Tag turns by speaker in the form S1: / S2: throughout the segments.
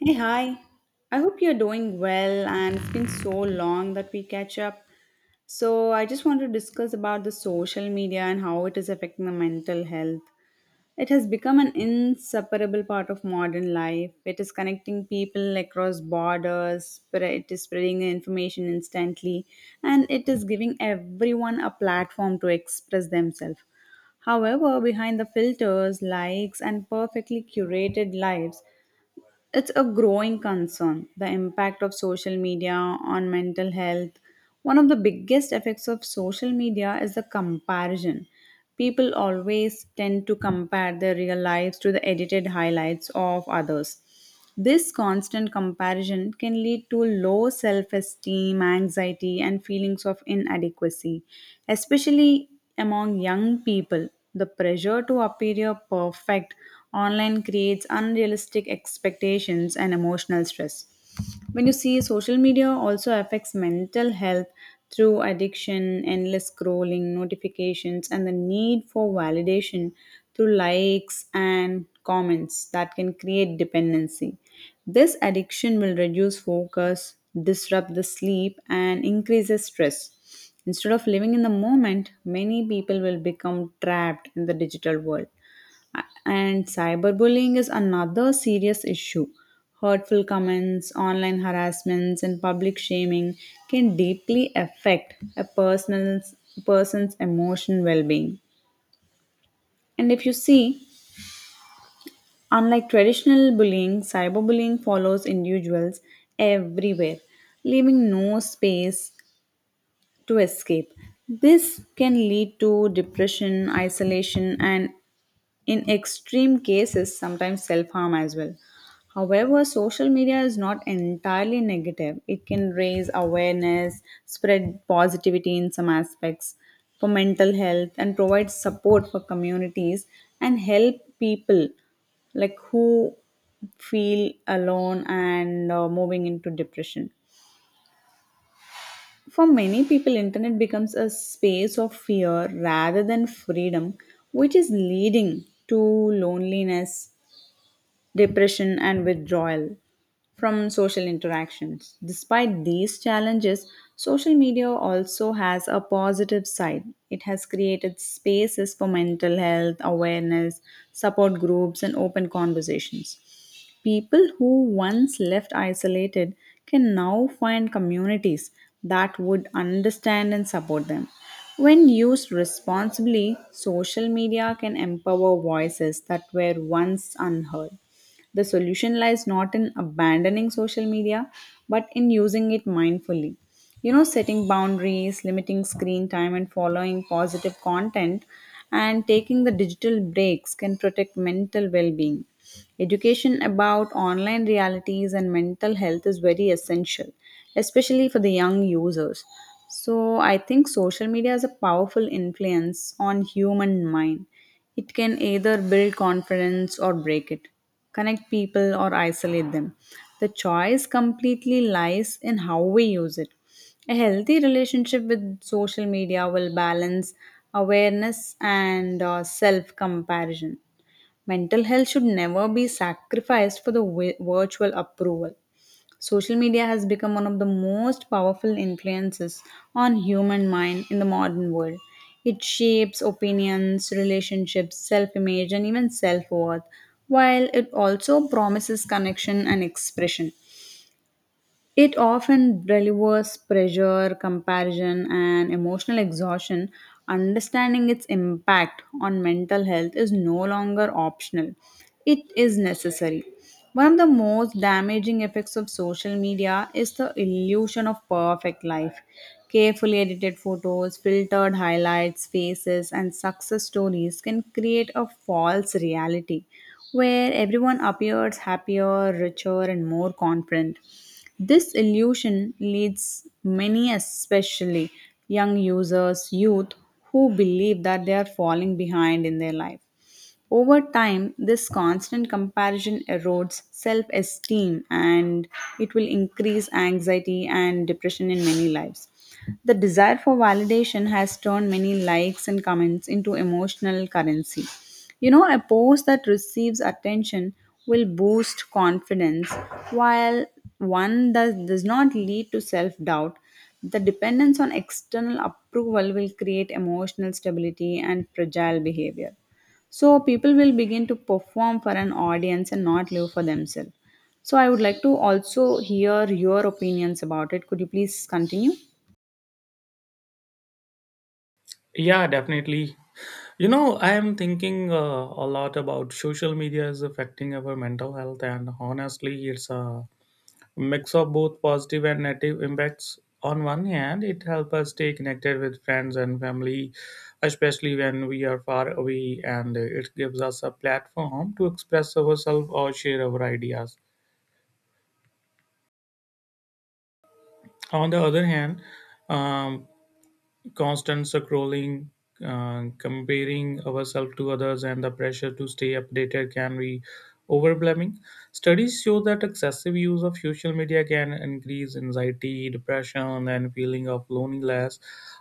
S1: Hey, hi. I hope you're doing well and it's been so long that we catch up. So, I just want to discuss about the social media and how it is affecting the mental health. It has become an inseparable part of modern life. It is connecting people across borders, it is spreading information instantly, and it is giving everyone a platform to express themselves. However, behind the filters, likes, and perfectly curated lives, it's a growing concern: the impact of social media on mental health. One of the biggest effects of social media is the comparison. People always tend to compare their real lives to the edited highlights of others. This constant comparison can lead to low self esteem, anxiety, and feelings of inadequacy, especially among young people. The pressure to appear perfect online creates unrealistic expectations and emotional stress when you see. Social media also affects mental health through addiction, endless scrolling, notifications, and the need for validation through likes and comments that can create dependency. This addiction will reduce focus, disrupt the sleep, and increases stress. Instead of living in the moment, many people will become trapped in the digital world. And cyberbullying is another serious issue. Hurtful comments, online harassments, and public shaming can deeply affect a person's emotional well being. And if you see, unlike traditional bullying, cyberbullying follows individuals everywhere, leaving no space to escape. This can lead to depression, isolation, and in extreme cases sometimes self harm as well. However, social media is not entirely negative. It can raise awareness, spread positivity in some aspects for mental health, and provide support for communities and help people like who feel alone and moving into depression. For many people, internet becomes a space of fear rather than freedom, which is leading to loneliness, depression, and withdrawal from social interactions. Despite these challenges, social media also has a positive side. It has created spaces for mental health awareness, support groups, and open conversations. People who once left isolated can now find communities that would understand and support them. When used responsibly, social media can empower voices that were once unheard. The solution lies not in abandoning social media, but in using it mindfully. You know, setting boundaries, limiting screen time, and following positive content, and taking the digital breaks can protect mental well being. Education about online realities and mental health is very essential, especially for the young users. So, I think social media has a powerful influence on human mind. It can either build confidence or break it, connect people or isolate them. The choice completely lies in how we use it. A healthy relationship with social media will balance awareness and self comparison. Mental health should never be sacrificed for the virtual approval. Social media has become one of the most powerful influences on human mind in the modern world. It shapes opinions, relationships, self-image, and even self-worth. While it also promises connection and expression, it often delivers pressure, comparison, and emotional exhaustion. Understanding its impact on mental health is no longer optional, it is necessary. One of the most damaging effects of social media is the illusion of perfect life. Carefully edited photos, filtered highlights, faces, and success stories can create a false reality where everyone appears happier, richer, and more confident. This illusion leads many, especially young users, youth, who believe that they are falling behind in their life. Over time, this constant comparison erodes self esteem, and it will increase anxiety and depression in many lives. The desire for validation has turned many likes and comments into emotional currency. You know, a post that receives attention will boost confidence, while one that does not lead to self doubt. The dependence on external approval will create emotional stability and fragile behavior. So, people will begin to perform for an audience and not live for themselves. So, I would like to also hear your opinions about it. Could you please continue?
S2: Yeah, definitely. I am thinking a lot about social media is affecting our mental health, and honestly, it's a mix of both positive and negative impacts. On one hand, it helps us stay connected with friends and family, especially when we are far away, and it gives us a platform to express ourselves or share our ideas. On the other hand, um, constant scrolling, comparing ourselves to others, and the pressure to stay updated can be overwhelming. Studies show that excessive use of social media can increase anxiety, depression, and feeling of loneliness.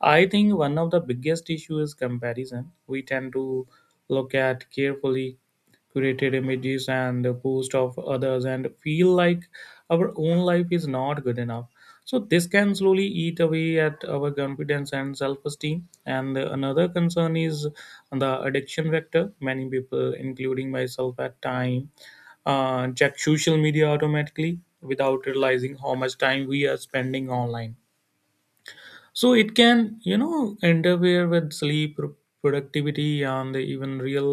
S2: I think one of the biggest issues is comparison. We tend to look at carefully curated images and the post of others and feel like our own life is not good enough, so this can slowly eat away at our confidence and self-esteem. And another concern is the addiction vector. Many people, including myself at time, check social media automatically without realizing how much time we are spending online, so it can interfere with sleep productivity and even real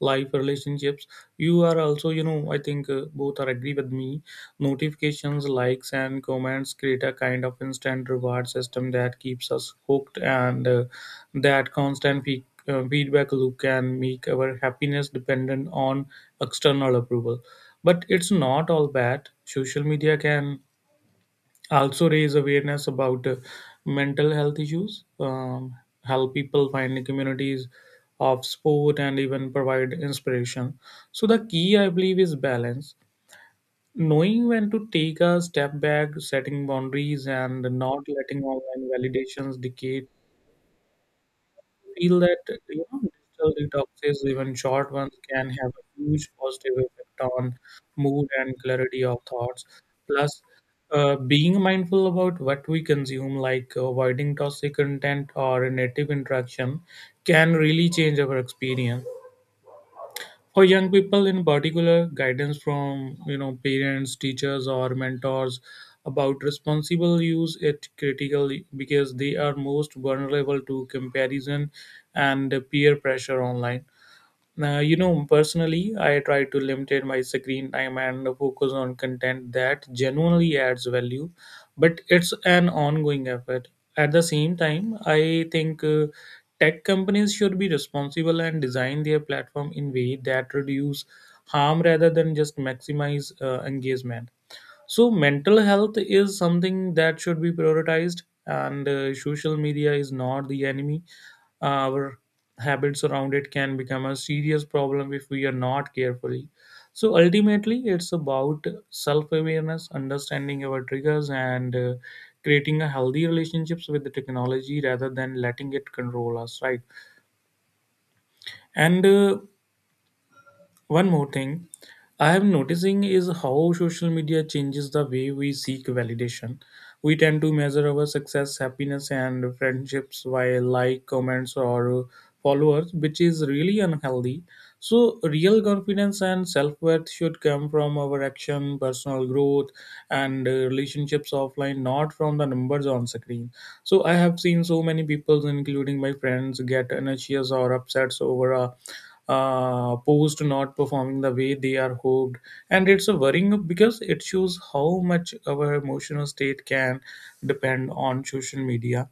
S2: life relationships. You are also, I think both are agree with me. Notifications, likes and comments create a kind of instant reward system that keeps us hooked, and that constant feedback loop can make our happiness dependent on external approval. But it's not all bad. Social media can also raise awareness about mental health issues, help people find the communities of sport, and even provide inspiration. So, the key I believe is balance, knowing when to take a step back, setting boundaries, and not letting online validations dictate feel that. Digital detoxes, even short ones, can have a huge positive effect on mood and clarity of thoughts. Plus, being mindful about what we consume, like avoiding toxic content or native interaction, can really change our experience. For young people in particular, guidance from parents, teachers or mentors about responsible use it critical, because they are most vulnerable to comparison and peer pressure online. Now, personally, I try to limit my screen time and focus on content that genuinely adds value, but it's an ongoing effort. At the same time, I think tech companies should be responsible and design their platform in way that reduce harm rather than just maximize engagement. So, mental health is something that should be prioritized, and social media is not the enemy. Our habits around it can become a serious problem if we are not carefully. So ultimately it's about self awareness, understanding our triggers, and creating a healthy relationships with the technology rather than letting it control us, right? And one more thing I am noticing is how social media changes the way we seek validation. We tend to measure our success, happiness, and friendships by like, comments, or followers, which is really unhealthy. So, real confidence and self worth should come from our action, personal growth, and relationships offline, not from the numbers on screen. So, I have seen so many people, including my friends, get anxious or upset over a opposed not performing the way they are hoped, and it's a worrying because it shows how much our emotional state can depend on social media.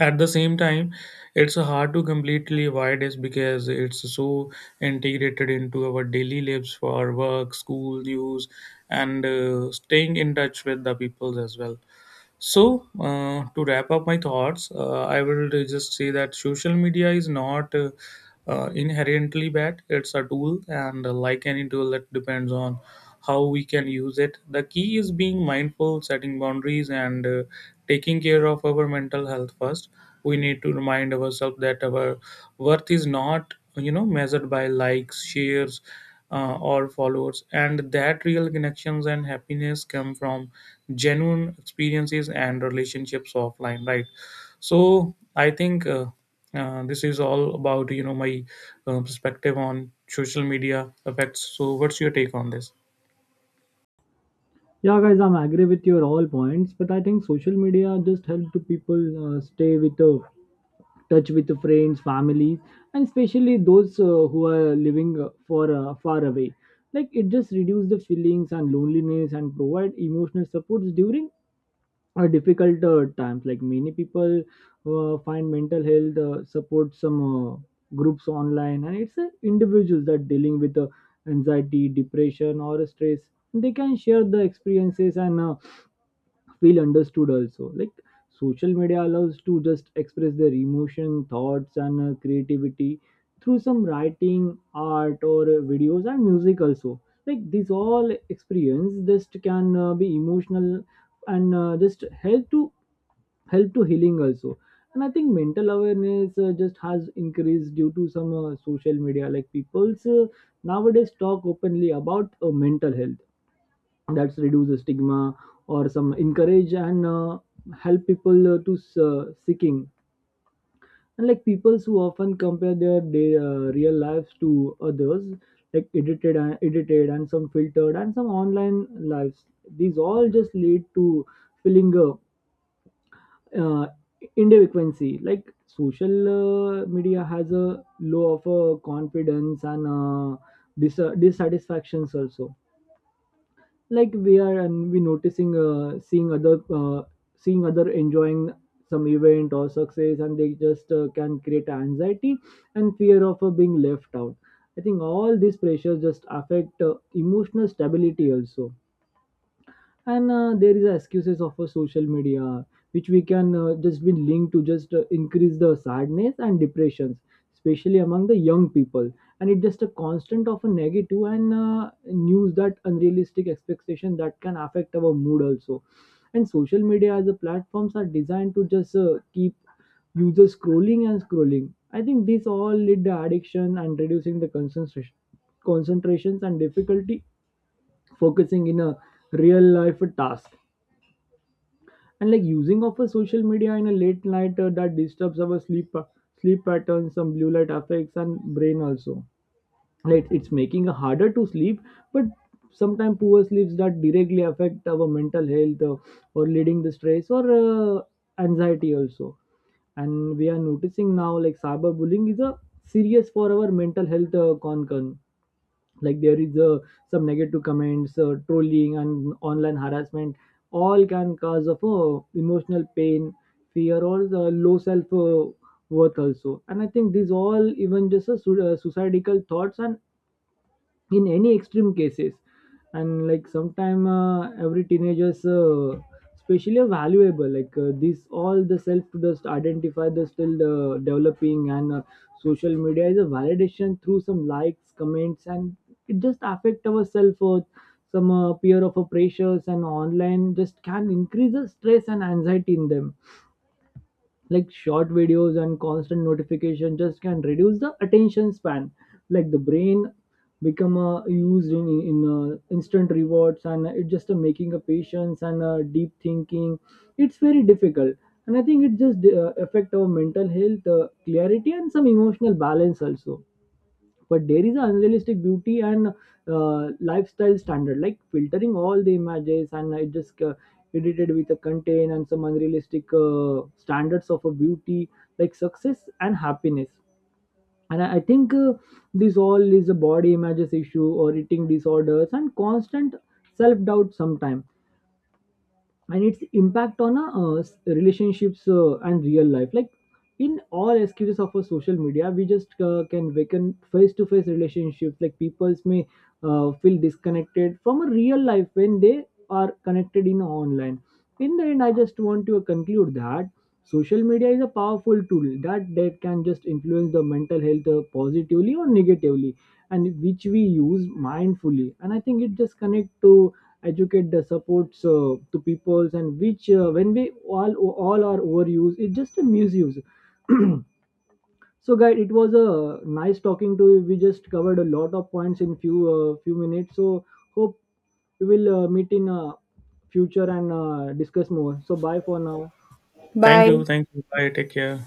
S2: At the same time, it's hard to completely avoid this because it's so integrated into our daily lives for work, school, news, and staying in touch with the people as well. So, to wrap up my thoughts, I will just say that social media is not inherently bad. It's a tool, and like any tool, it depends on how we can use it. The key is being mindful, setting boundaries, and taking care of our mental health first. We need to remind ourselves that our worth is not, measured by likes, shares, or followers, and that real connections and happiness come from genuine experiences and relationships offline, right? So I think this is all about my perspective on social media effects. So what's your take on this?
S3: Yeah, guys, I'm agree with your all points, but I think social media just help to people stay with the touch with the friends, families, and especially those who are living for far away. Like it just reduce the feelings and loneliness and provide emotional supports during difficult times. Like many people find mental health support some groups online, and it's individuals that dealing with anxiety, depression, or stress. They can share the experiences and feel understood also. Like social media allows to just express their emotion, thoughts, and creativity through some writing, art, or videos and music also. Like these all experience just can be emotional and just help to healing also. And I think mental awareness just has increased due to some social media like people's nowadays talk openly about mental health that's reduce the stigma or some encourage and help people to seeking. And like people who often compare their, day real lives to others like edited and some filtered and some online lives. These all just lead to feeling uh, individuality. Like social media has a low of confidence and dissatisfactions also. Like we are and we noticing seeing other enjoying some event or success, and they just can create anxiety and fear of being left out. I think all these pressures just affect emotional stability also. And There is excuses of a social media which we can just be linked to just increase the sadness and depressions, especially among the young people. And it's just a constant of a negative and news that unrealistic expectation that can affect our mood also. And social media as a platforms are designed to just keep users scrolling and scrolling. I think this all lead to addiction and reducing the concentration concentrations and difficulty focusing in a real life task. And like using of a social media in a late night that disturbs our sleep patterns. Some blue light affects and brain also, like it's making it harder to sleep. But sometimes poor sleeps that directly affect our mental health, or leading the stress or anxiety also. And we are noticing now like cyberbullying is a serious for our mental health concern. Like there is some negative comments, trolling and online harassment all can cause of emotional pain, fear or low self worth also. And I think these all even just suicidal thoughts and in any extreme cases. And like sometime every teenagers especially are valuable, like this all the self to just identify the still developing and social media is a validation through some likes comments, and it just affect our self-worth. Some peer of a pressures and online just can increase the stress and anxiety in them. Like short videos and constant notification just can reduce the attention span. Like the brain become used in instant rewards, and it just making a patience and deep thinking it's very difficult. And I think it just affect our mental health clarity and some emotional balance also. But there is an unrealistic beauty and lifestyle standard, like filtering all the images, and it just edited with a content and some unrealistic standards of a beauty, like success and happiness. And I think this all is a body images issue or eating disorders and constant self-doubt sometime. And its impact on relationships and real life, like in all excuses of a social media we just can awaken face-to-face relationships. Like peoples may feel disconnected from a real life when they are connected in online. In the end I just want to conclude that social media is a powerful tool that can just influence the mental health, positively or negatively, and which we use mindfully. And I think it just connect to educate the supports to peoples, and which when we all are overused it's just a misuse. So guys, it was a nice talking to you. We just covered a lot of points in few minutes. So hope we will meet in future and discuss more. So bye for now.
S2: Thank you,
S1: Bye.
S2: thank you. Bye. Take care.